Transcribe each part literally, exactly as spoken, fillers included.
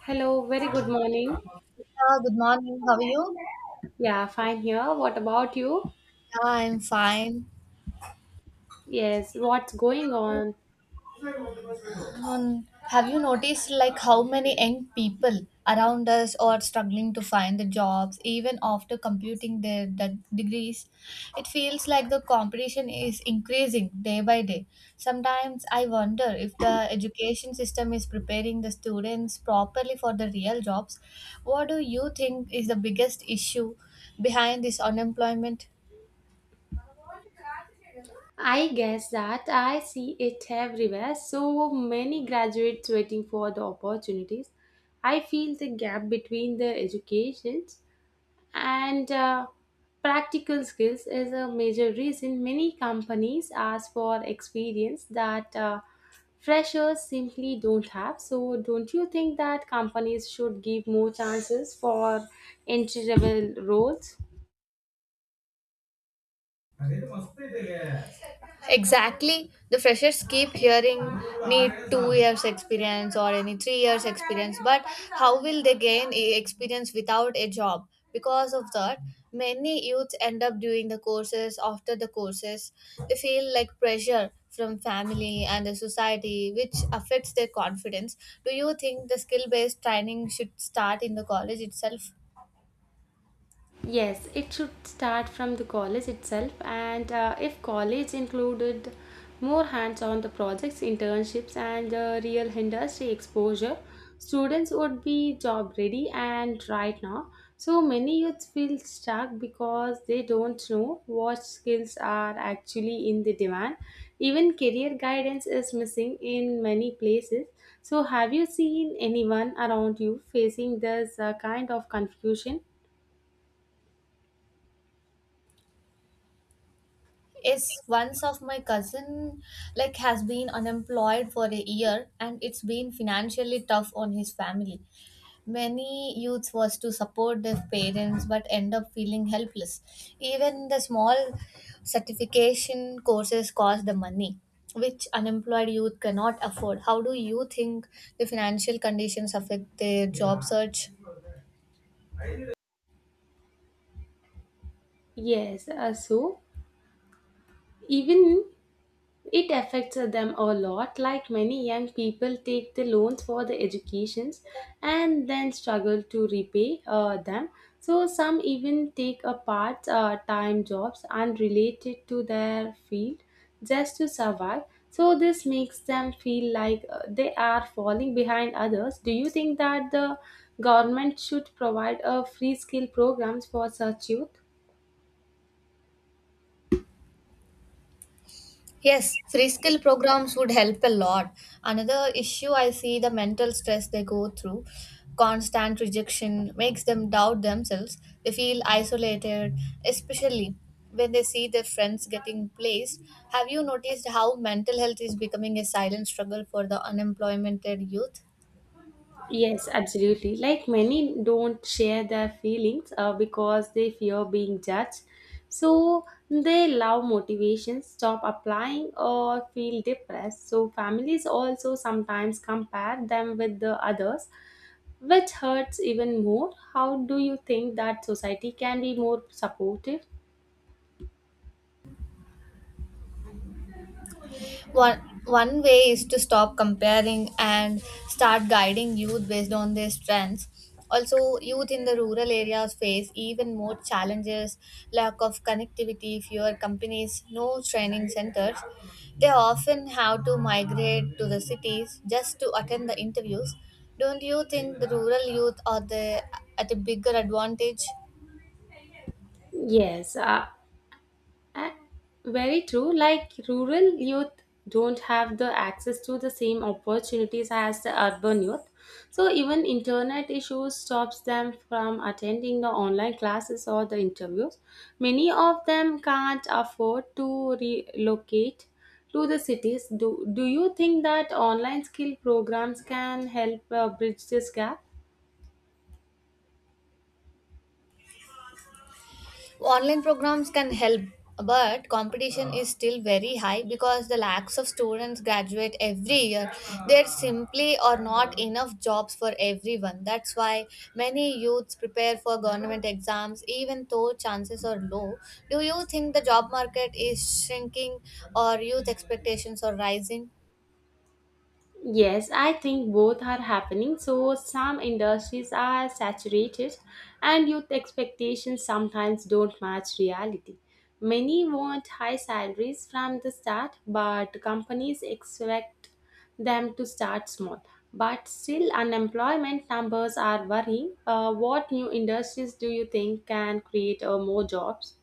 Hello, very good morning. Yeah, good morning. How are you? Yeah, fine here. What about you? Yeah, I'm fine. Yes, what's going on? Um, have you noticed like how many young people around us are struggling to find the jobs even after completing their de- degrees? It feels like the competition is increasing day by day. Sometimes I wonder if the education system is preparing the students properly for the real jobs. What do you think is the biggest issue behind this unemployment? I guess that I see it everywhere. So many graduates waiting for the opportunities. I feel the gap between the educations and uh, practical skills is a major reason many companies ask for experience that uh, freshers simply don't have. So don't you think that companies should give more chances for entry level roles? Exactly. The freshers keep hearing need two years experience or any three years experience, but how will they gain e- experience without a job? Because of that, many youths end up doing the courses after the courses. They feel like pressure from family and the society, which affects their confidence. Do you think the skill based training should start in the college itself? Yes, it should start from the college itself, and uh, if college included more hands on the projects, internships, and uh, real industry exposure, students would be job ready. And right now, so many youths feel stuck because they don't know what skills are actually in the demand. Even career guidance is missing in many places. So, have you seen anyone around you facing this uh, kind of confusion? Yes, once of my cousin like has been unemployed for a year and it's been financially tough on his family. Many youths was to support their parents but end up feeling helpless. Even the small certification courses cost the money which unemployed youth cannot afford. How do you think the financial conditions affect their job search? Yes, uh, so even it affects them a lot. Like many young people take the loans for the educations and then struggle to repay uh, them. So some even take a part uh, time jobs unrelated to their field just to survive. So this makes them feel like uh, they are falling behind others. Do you think that the government should provide a free skill programs for such youth? Yes, free skill programs would help a lot. Another issue I see the mental stress they go through, constant rejection makes them doubt themselves. They feel isolated, especially when they see their friends getting placed. Have you noticed how mental health is becoming a silent struggle for the unemployed youth? Yes, absolutely. Like many don't share their feelings uh, because they fear being judged. So they love motivation, stop applying, or feel depressed. So families also sometimes compare them with the others, which hurts even more. How do you think that society can be more supportive? One one way is to stop comparing and start guiding youth based on their strengths. Also, youth in the rural areas face even more challenges, lack of connectivity, fewer companies, no training centers. They often have to migrate to the cities just to attend the interviews. Don't you think the rural youth are the at a bigger advantage? Yes, uh, A- very true. Like rural youth don't have the access to the same opportunities as the urban youth. So even internet issues stops them from attending the online classes or the interviews. Many of them can't afford to relocate to the cities. Do, do you think that online skill programs can help uh, bridge this gap? Online programs can help, but competition is still very high because the lakhs of students graduate every year. There simply are not enough jobs for everyone. That's why many youths prepare for government exams even though chances are low. Do you think the job market is shrinking or youth expectations are rising? Yes, I think both are happening. So, some industries are saturated, and youth expectations sometimes don't match reality. Many want high salaries from the start, but companies expect them to start small. But still, unemployment numbers are worrying. Uh, what new industries do you think can create uh, more jobs?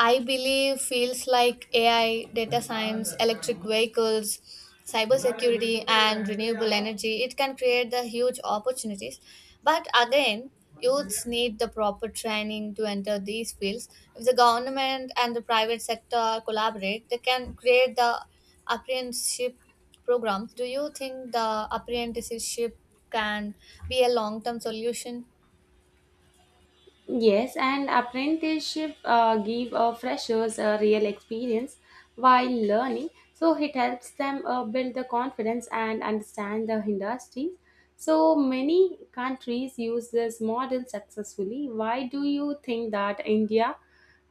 I believe fields like A I, data science, electric vehicles, cybersecurity, and renewable energy, it can create the huge opportunities. But again, youths need the proper training to enter these fields. If the government and the private sector collaborate, they can create the apprenticeship programs. Do you think the apprenticeship can be a long-term solution? Yes, and apprenticeship uh, give uh, freshers a real experience while learning. So it helps them uh, build the confidence and understand the industry. So many countries use this model successfully. Why do you think that India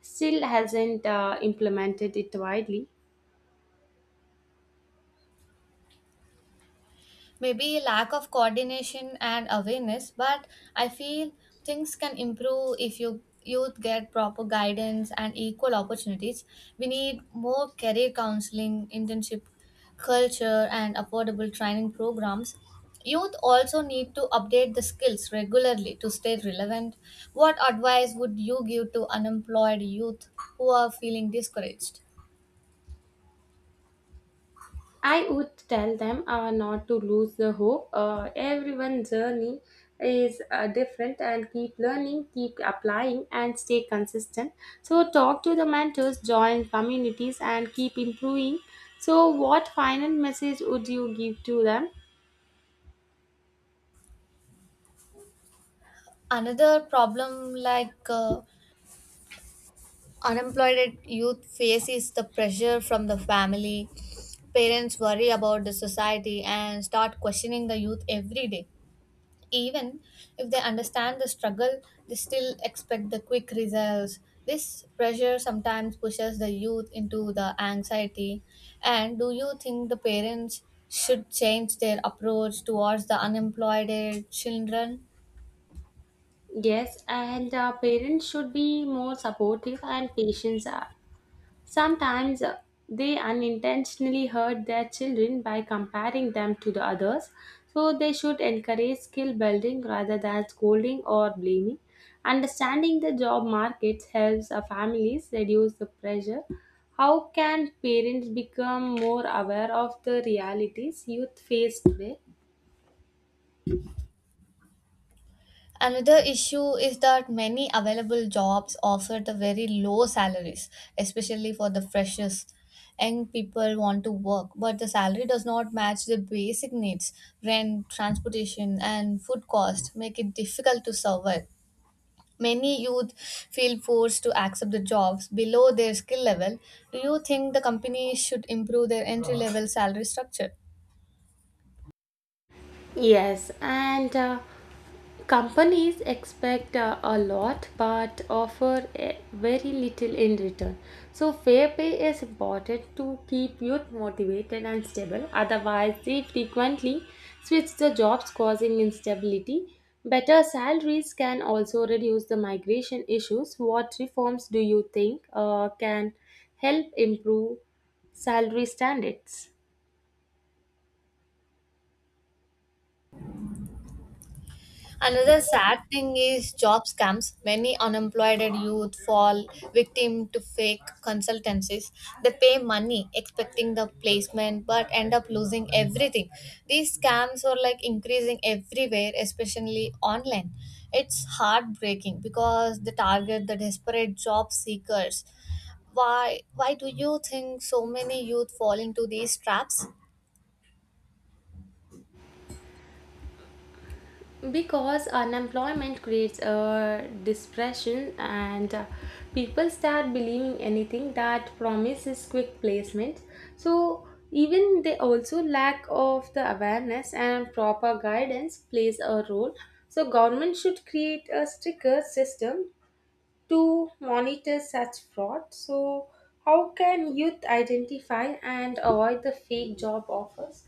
still hasn't uh, implemented it widely? Maybe lack of coordination and awareness, but I feel things can improve if you youth get proper guidance and equal opportunities. We need more career counseling, internship culture, and affordable training programs. Youth also need to update the skills regularly to stay relevant. What advice would you give to unemployed youth who are feeling discouraged? I would tell them uh, not to lose the hope. Uh, everyone's journey is uh, different and keep learning, keep applying, and stay consistent. So, talk to the mentors, join communities, and keep improving. So, what final message would you give to them? Another problem like uh, unemployed youth faces the pressure from the family. Parents worry about the society and start questioning the youth every day, even if they understand the struggle. They still expect the quick results. This pressure sometimes pushes the youth into the anxiety. And do you think the parents should change their approach towards the unemployed children? Yes, and uh, parents should be more supportive and patient. uh, Sometimes, uh, they unintentionally hurt their children by comparing them to the others, so they should encourage skill building rather than scolding or blaming. Understanding the job market helps uh, families reduce the pressure. How can parents become more aware of the realities youth face today? Another issue is that many available jobs offer the very low salaries, especially for the freshers. Young people want to work, but the salary does not match the basic needs. Rent, transportation, and food cost make it difficult to survive. Many youth feel forced to accept the jobs below their skill level. Do you think the companies should improve their entry level salary structure? Yes, and uh, companies expect uh, a lot but offer eh, very little in return. So, fair pay is important to keep youth motivated and stable, otherwise, they frequently switch the jobs, causing instability. Better salaries can also reduce the migration issues. What reforms do you think uh, can help improve salary standards? Another sad thing is job scams. Many unemployed youth fall victim to fake consultancies. They pay money expecting the placement but end up losing everything. These scams are like increasing everywhere, especially online. It's heartbreaking because they target the desperate job seekers. Why why do you think so many youth fall into these traps? Because unemployment creates a depression and uh, people start believing anything that promises quick placement. So even they also lack of the awareness and proper guidance plays a role. So government should create a stricter system to monitor such fraud. So how can youth identify and avoid the fake job offers?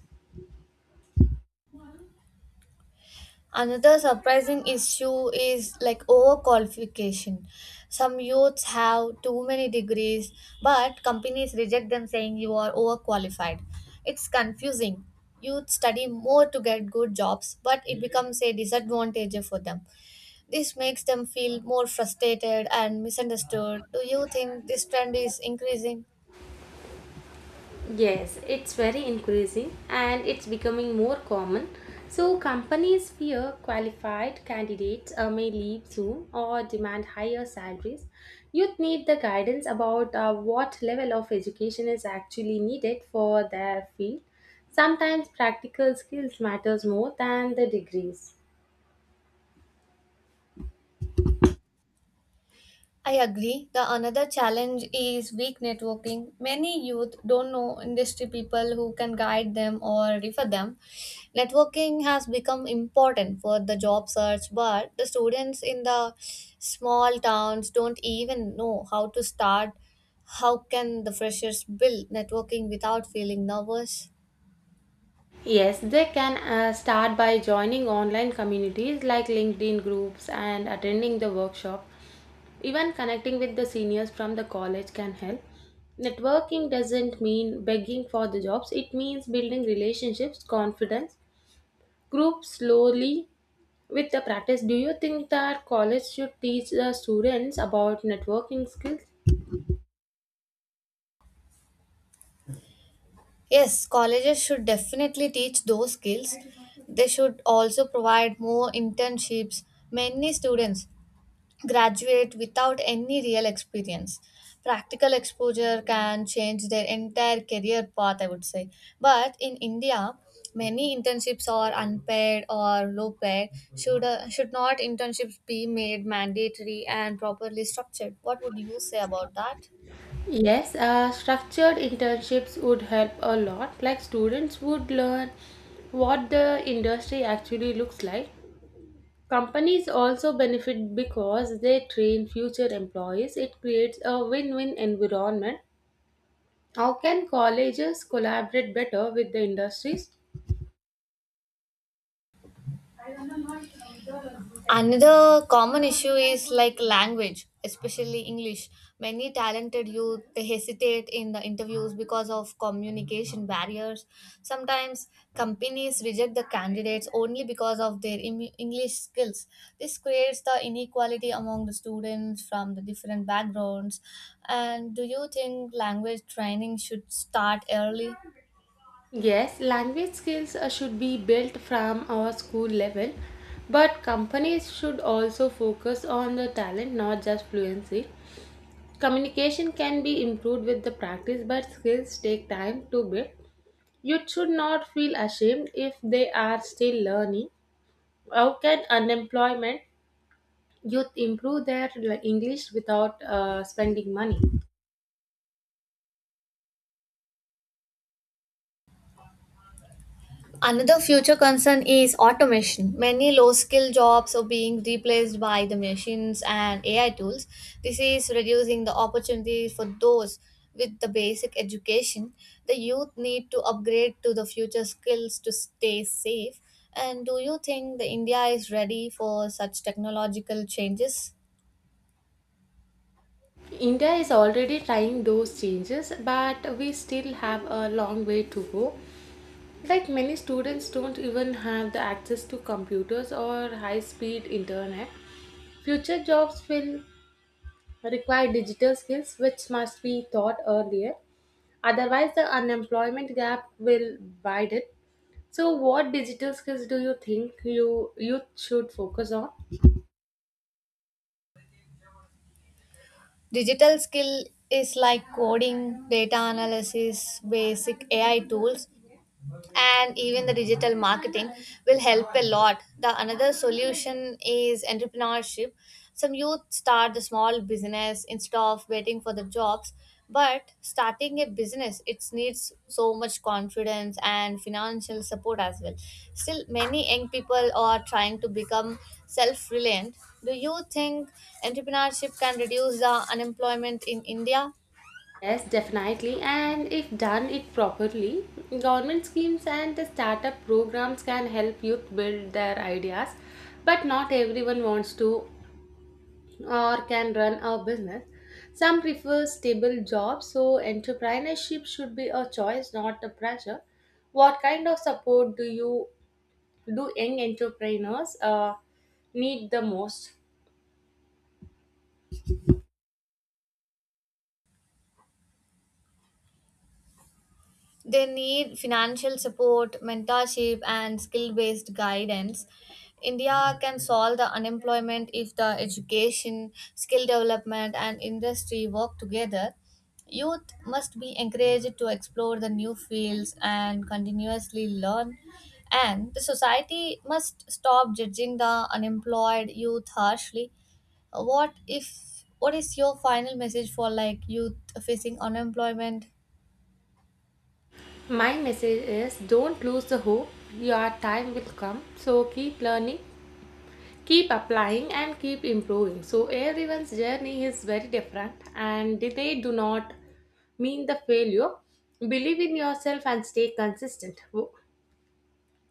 Another surprising issue is like overqualification. Some youths have too many degrees, but companies reject them saying you are overqualified. It's confusing. Youth study more to get good jobs, but it becomes a disadvantage for them. This makes them feel more frustrated and misunderstood. Do you think this trend is increasing? Yes, it's very increasing and it's becoming more common. So, companies fear qualified candidates uh, may leave soon or demand higher salaries. Youth need the guidance about uh, what level of education is actually needed for their field. Sometimes practical skills matters more than the degrees. I agree. The another challenge is weak networking. Many youth don't know industry people who can guide them or refer them. Networking has become important for the job search, but the students in the small towns don't even know how to start. How can the freshers build networking without feeling nervous? Yes, they can uh, start by joining online communities like LinkedIn groups and attending the workshop. Even connecting with the seniors from the college can help. Networking doesn't mean begging for the jobs, it means building relationships, confidence, group slowly with the practice. Do you think that college should teach the students about networking skills? Yes, colleges should definitely teach those skills. They should also provide more internships. Many students graduate without any real experience. Practical exposure can change their entire career path, I would say. But in India, many internships are unpaid or low paid. Should, uh, should not internships be made mandatory and properly structured? What would you say about that? Yes, uh, structured internships would help a lot. Like students would learn what the industry actually looks like. Companies also benefit because they train future employees. It creates a win win environment. How can colleges collaborate better with the industries? Another common issue is like language, especially English. Many talented youth they hesitate in the interviews because of communication barriers. Sometimes companies reject the candidates only because of their Im- English skills. This creates the inequality among the students from the different backgrounds. And do you think language training should start early? Yes, language skills uh, should be built from our school level, but companies should also focus on the talent, not just fluency. Communication can be improved with the practice, but skills take time to build. Youth should not feel ashamed if they are still learning. How can unemployment youth improve their, like, English without uh, spending money? Another future concern is automation. Many low skilled jobs are being replaced by the machines and A I tools. This is reducing the opportunities for those with the basic education. The youth need to upgrade to the future skills to stay safe. And do you think the India is ready for such technological changes? India is already trying those changes, but we still have a long way to go. Like many students don't even have the access to computers or high speed internet. Future jobs will require digital skills which must be taught earlier. Otherwise, the unemployment gap will widen. So, what digital skills do you think you youth should focus on? Digital skill is like coding, data analysis, basic A I tools, and even the digital marketing will help a lot. The another solution is entrepreneurship. Some youth start the small business instead of waiting for the jobs, but starting a business it needs so much confidence and financial support as well. Still many young people are trying to become self-reliant. Do you think entrepreneurship can reduce the unemployment in India? Yes, definitely. And if done it properly, government schemes and the startup programs can help youth build their ideas. But not everyone wants to or can run a business. Some prefer stable jobs, so entrepreneurship should be a choice, not a pressure. What kind of support do you do young entrepreneurs uh, need the most? They need financial support, mentorship, and skill based guidance. India can solve the unemployment if the education, skill development, and industry work together. Youth must be encouraged to explore the new fields and continuously learn. And the society must stop judging the unemployed youth harshly. What if? What is your final message for like youth facing unemployment? My message is don't lose the hope. Your time will come. So keep learning, keep applying, and keep improving. So everyone's journey is very different and they do not mean the failure. Believe in yourself and stay consistent. Wo-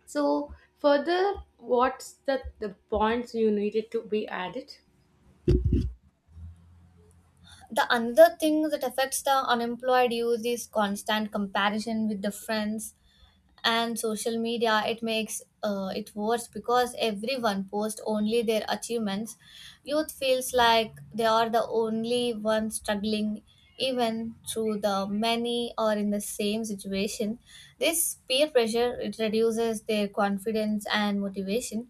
so further, what's the, the points you needed to be added? The another thing that affects the unemployed youth is constant comparison with the friends and social media. It makes uh, it worse because everyone posts only their achievements. Youth feels like they are the only one struggling, even through the many are in the same situation. This peer pressure it reduces their confidence and motivation.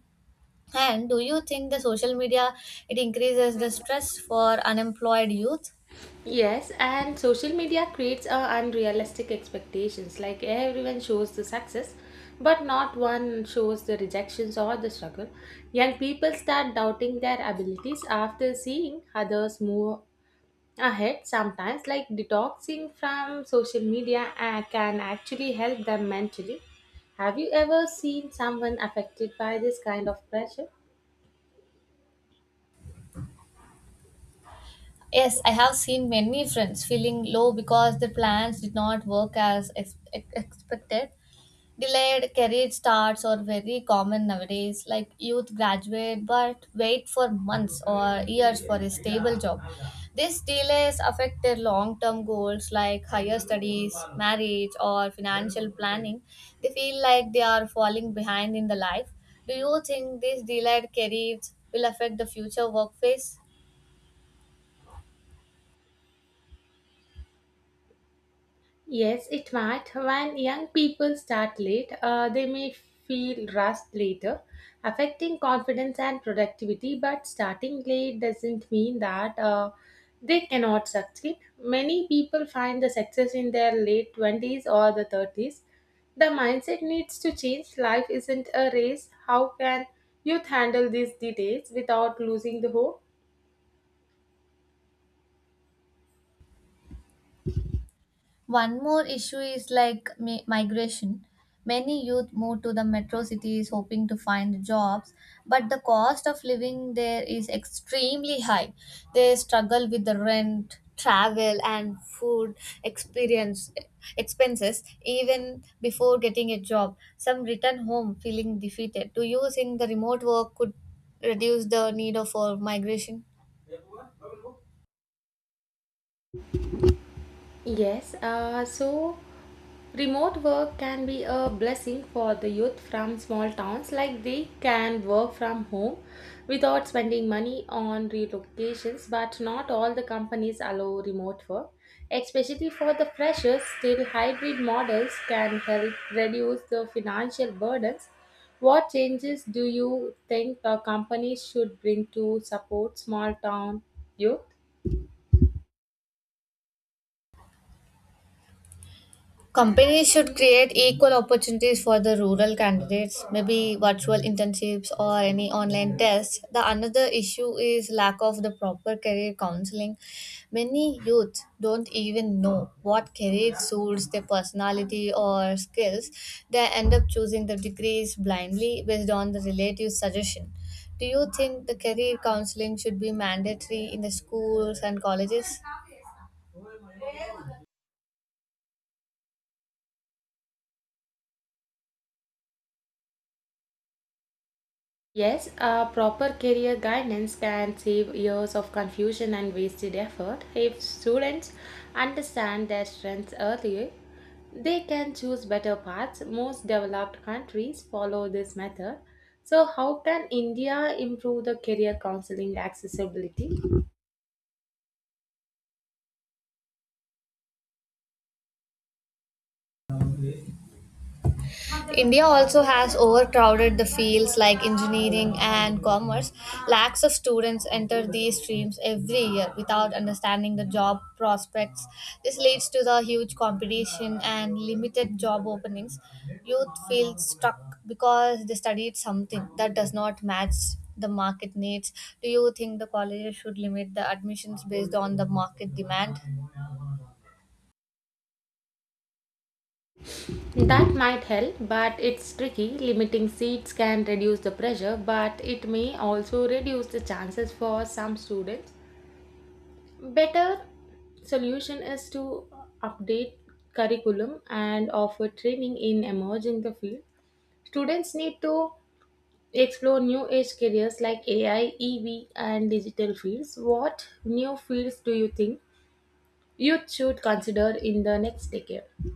And do you think the social media it increases the stress for unemployed youth? Yes, and social media creates uh, unrealistic expectations. Like everyone shows the success, but not one shows the rejections or the struggle. Young people start doubting their abilities after seeing others move ahead. Sometimes, like, detoxing from social media uh, can actually help them mentally. Have you ever seen someone affected by this kind of pressure? Yes, I have seen many friends feeling low because their plans did not work as ex- ex- expected. Delayed career starts are very common nowadays. Like youth graduate but wait for months or years for a stable job. These delays affect their long term goals like higher studies, marriage, or financial planning. They feel like they are falling behind in the life. Do you think these delayed careers will affect the future workplace? Yes, it might. When young people start late, uh, they may feel rushed later, affecting confidence and productivity. But starting late doesn't mean that uh, they cannot succeed. Many people find the success in their late twenties or the thirties. The mindset needs to change. Life isn't a race. How can youth handle these details without losing the hope? One more issue is like mi- migration. Many youth move to the metro cities hoping to find jobs, but the cost of living there is extremely high. They struggle with the rent, travel, and food experience expenses even before getting a job. Some return home feeling defeated. Do you think the remote work could reduce the need of for migration? Yes, uh, so remote work can be a blessing for the youth from small towns, like they can work from home without spending money on relocations, but not all the companies allow remote work. Especially for the freshers, still hybrid models can help reduce the financial burdens. What changes do you think the companies should bring to support small town youth? Companies should create equal opportunities for the rural candidates, maybe virtual internships or any online tests. The another issue is lack of the proper career counseling. Many youth don't even know what career suits their personality or skills. They end up choosing the degrees blindly based on the relative suggestion. Do you think the career counseling should be mandatory in the schools and colleges? Yes, a proper career guidance can save years of confusion and wasted effort. If students understand their strengths earlier, they can choose better paths. Most developed countries follow this method. So, how can India improve the career counseling accessibility? India also has overcrowded the fields like engineering and commerce. Lakhs of students enter these streams every year without understanding the job prospects. This leads to the huge competition and limited job openings. Youth feel stuck because they studied something that does not match the market needs. Do you think the colleges should limit the admissions based on the market demand? That might help, but it's tricky. Limiting seats can reduce the pressure, but it may also reduce the chances for some students. Better solution is to update curriculum and offer training in emerging the field. Students need to explore new age careers like AI, EV, and digital fields. What new fields do you think youth should consider in the next decade?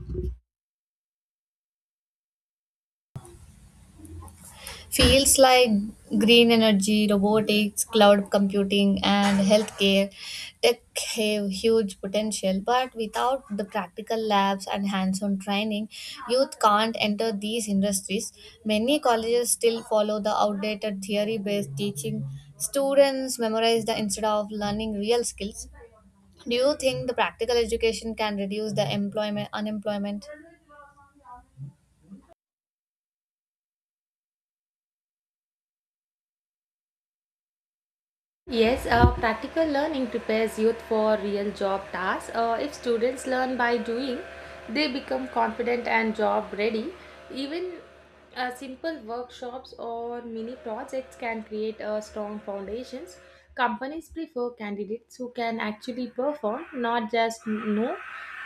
Fields like green energy, robotics, cloud computing, and healthcare tech have huge potential, but without the practical labs and hands on training, youth can't enter these industries. Many colleges still follow the outdated theory based teaching. Students memorize the instead of learning real skills. Do you think the practical education can reduce the employment unemployment? Yes, uh, practical learning prepares youth for real job tasks. Uh, if students learn by doing, they become confident and job ready. Even uh, simple workshops or mini projects can create a strong foundations. Companies prefer candidates who can actually perform, not just know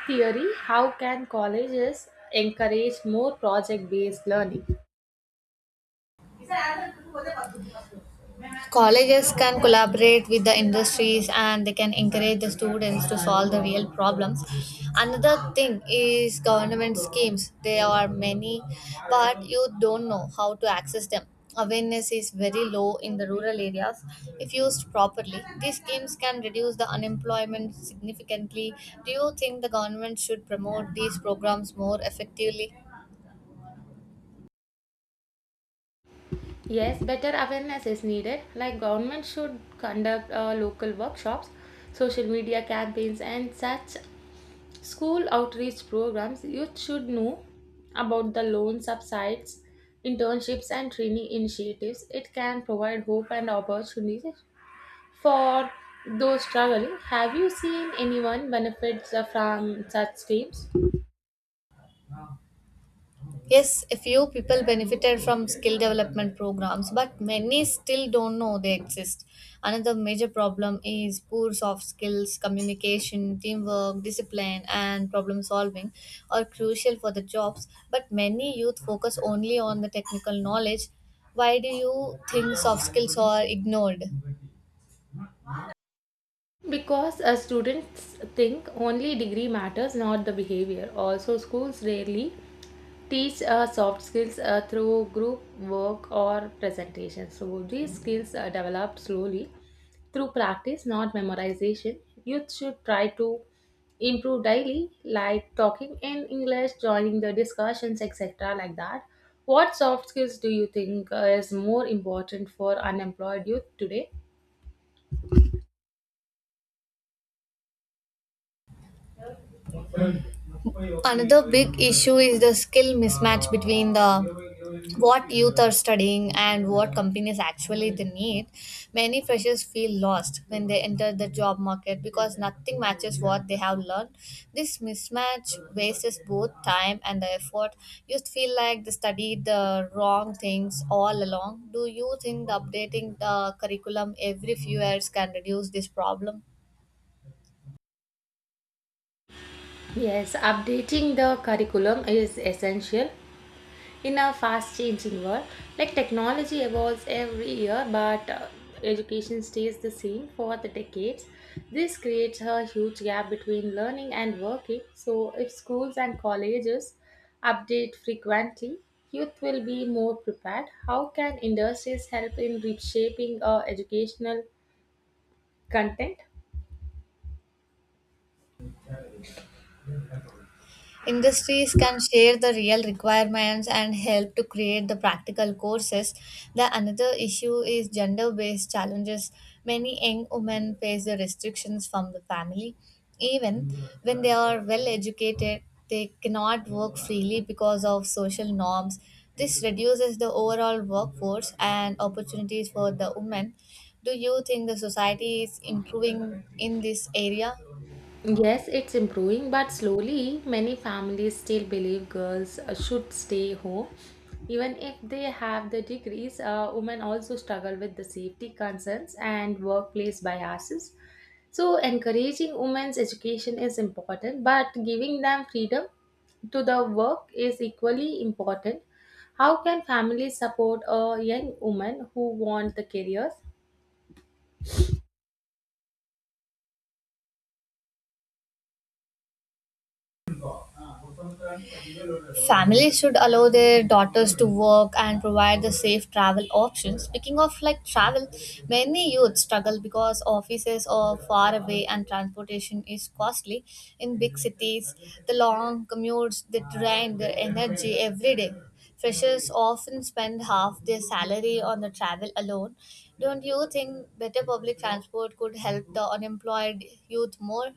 theory. How can colleges encourage more project-based learning? Colleges can collaborate with the industries and they can encourage the students to solve the real problems. Another thing is government schemes. There are many, but you don't know how to access them. Awareness is very low in the rural areas. If used properly, these schemes can reduce the unemployment significantly. Do you think the government should promote these programs more effectively? Yes, better awareness is needed. Like government should conduct uh, local workshops, social media campaigns, and such school outreach programs. Youth should know about the loan subsides, internships, and training initiatives. It can provide hope and opportunities for those struggling. Have you seen anyone benefit from such schemes? Yes, a few people benefited from skill development programs, but many still don't know they exist. Another major problem is poor soft skills. Communication, teamwork, discipline, and problem solving are crucial for the jobs, but many youth focus only on the technical knowledge. Why do you think soft skills are ignored? Because uh, students think only degree matters, not the behavior. Also, schools rarely teach uh, soft skills uh, through group work or presentation. So these skills are developed slowly through practice, not memorization. Youth should try to improve daily, like talking in English, joining the discussions, et cetera. Like that. What soft skills do you think uh, is more important for unemployed youth today? Another big issue is the skill mismatch between the what youth are studying and what companies actually they need. Many freshers feel lost when they enter the job market because nothing matches what they have learned. This mismatch wastes both time and the effort. You feel like they studied the wrong things all along. Do you think the updating the curriculum every few years can reduce this problem? Yes, updating the curriculum is essential. In a fast changing world, like technology evolves every year, but uh, education stays the same for the decades. This creates a huge gap between learning and working. So, if schools and colleges update frequently, youth will be more prepared. How can industries help in reshaping uh, educational content? Industries can share the real requirements and help to create the practical courses. The another issue is gender based challenges. Many young women face the restrictions from the family. Even when they are well educated, they cannot work freely because of social norms. This reduces the overall workforce and opportunities for the women. Do you think the society is improving in this area? Yes, it's improving, but slowly many families still believe girls uh, should stay home. Even if they have the degrees, uh, women also struggle with the safety concerns and workplace biases. So, encouraging women's education is important, but giving them freedom to the work is equally important. How can families support a young woman who want the careers? Families should allow their daughters to work and provide the safe travel options. Speaking of like travel, many youth struggle because offices are far away and transportation is costly. In big cities, the long commutes they drain their energy every day. Freshers often spend half their salary on the travel alone. Don't you think better public transport could help the unemployed youth more?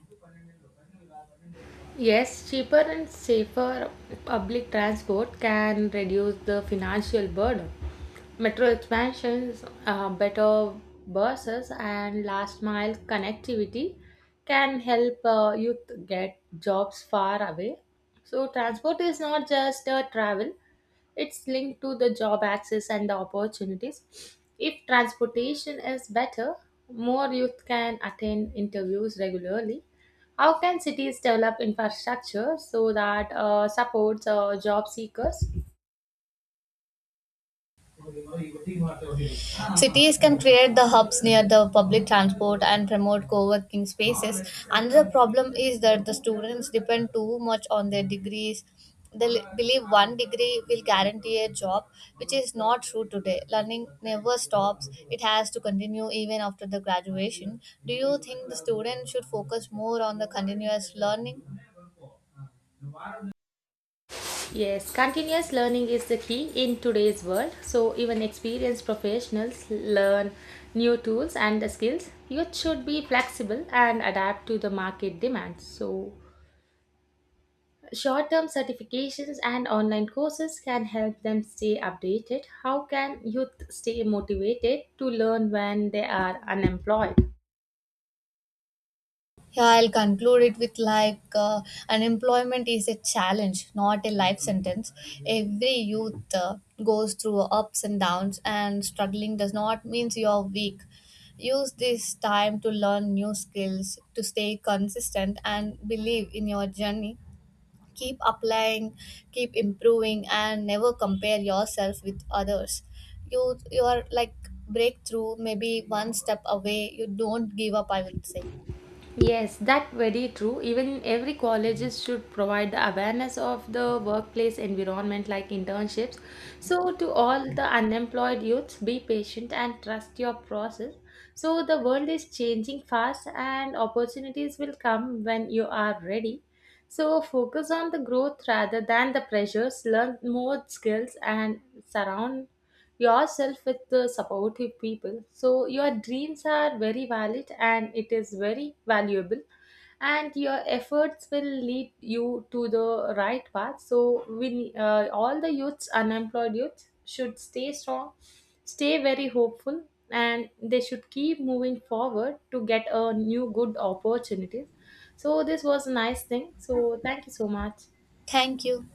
Yes, cheaper and safer public transport can reduce the financial burden. Metro expansions, uh, better buses, and last mile connectivity can help uh, youth get jobs far away. So, transport is not just uh, travel, it's linked to the job access and the opportunities. If transportation is better, more youth can attend interviews regularly. How can cities develop infrastructure so that uh, supports uh, job seekers? Cities can create the hubs near the public transport and promote co working spaces. Another problem is that the students depend too much on their degrees. They li- believe one degree will guarantee a job, which is not true today. Learning never stops, it has to continue even after the graduation. Do you think the student should focus more on the continuous learning? Yes, continuous learning is the key in today's world. So even experienced professionals learn new tools and the skills. Youth should be flexible and adapt to the market demands. So short-term certifications and online courses can help them stay updated. How can youth stay motivated to learn when they are unemployed? Yeah, I'll conclude it with like uh, unemployment is a challenge, not a life sentence. Every youth uh, goes through ups and downs, and struggling does not mean you're weak. Use this time to learn new skills, to stay consistent, and believe in your journey. Keep applying, keep improving, and never compare yourself with others. You, you are like breakthrough, maybe one step away. You don't give up, I would say. Yes, that very true. Even every colleges should provide the awareness of the workplace environment like internships. So to all the unemployed youths, be patient and trust your process. So the world is changing fast and opportunities will come when you are ready. So focus on the growth rather than the pressures, learn more skills and surround yourself with the supportive people. So your dreams are very valid and it is very valuable and your efforts will lead you to the right path. So we uh, all the youths, unemployed youths should stay strong, stay very hopeful and they should keep moving forward to get a new good opportunities. So this was a nice thing. So thank you so much. Thank you.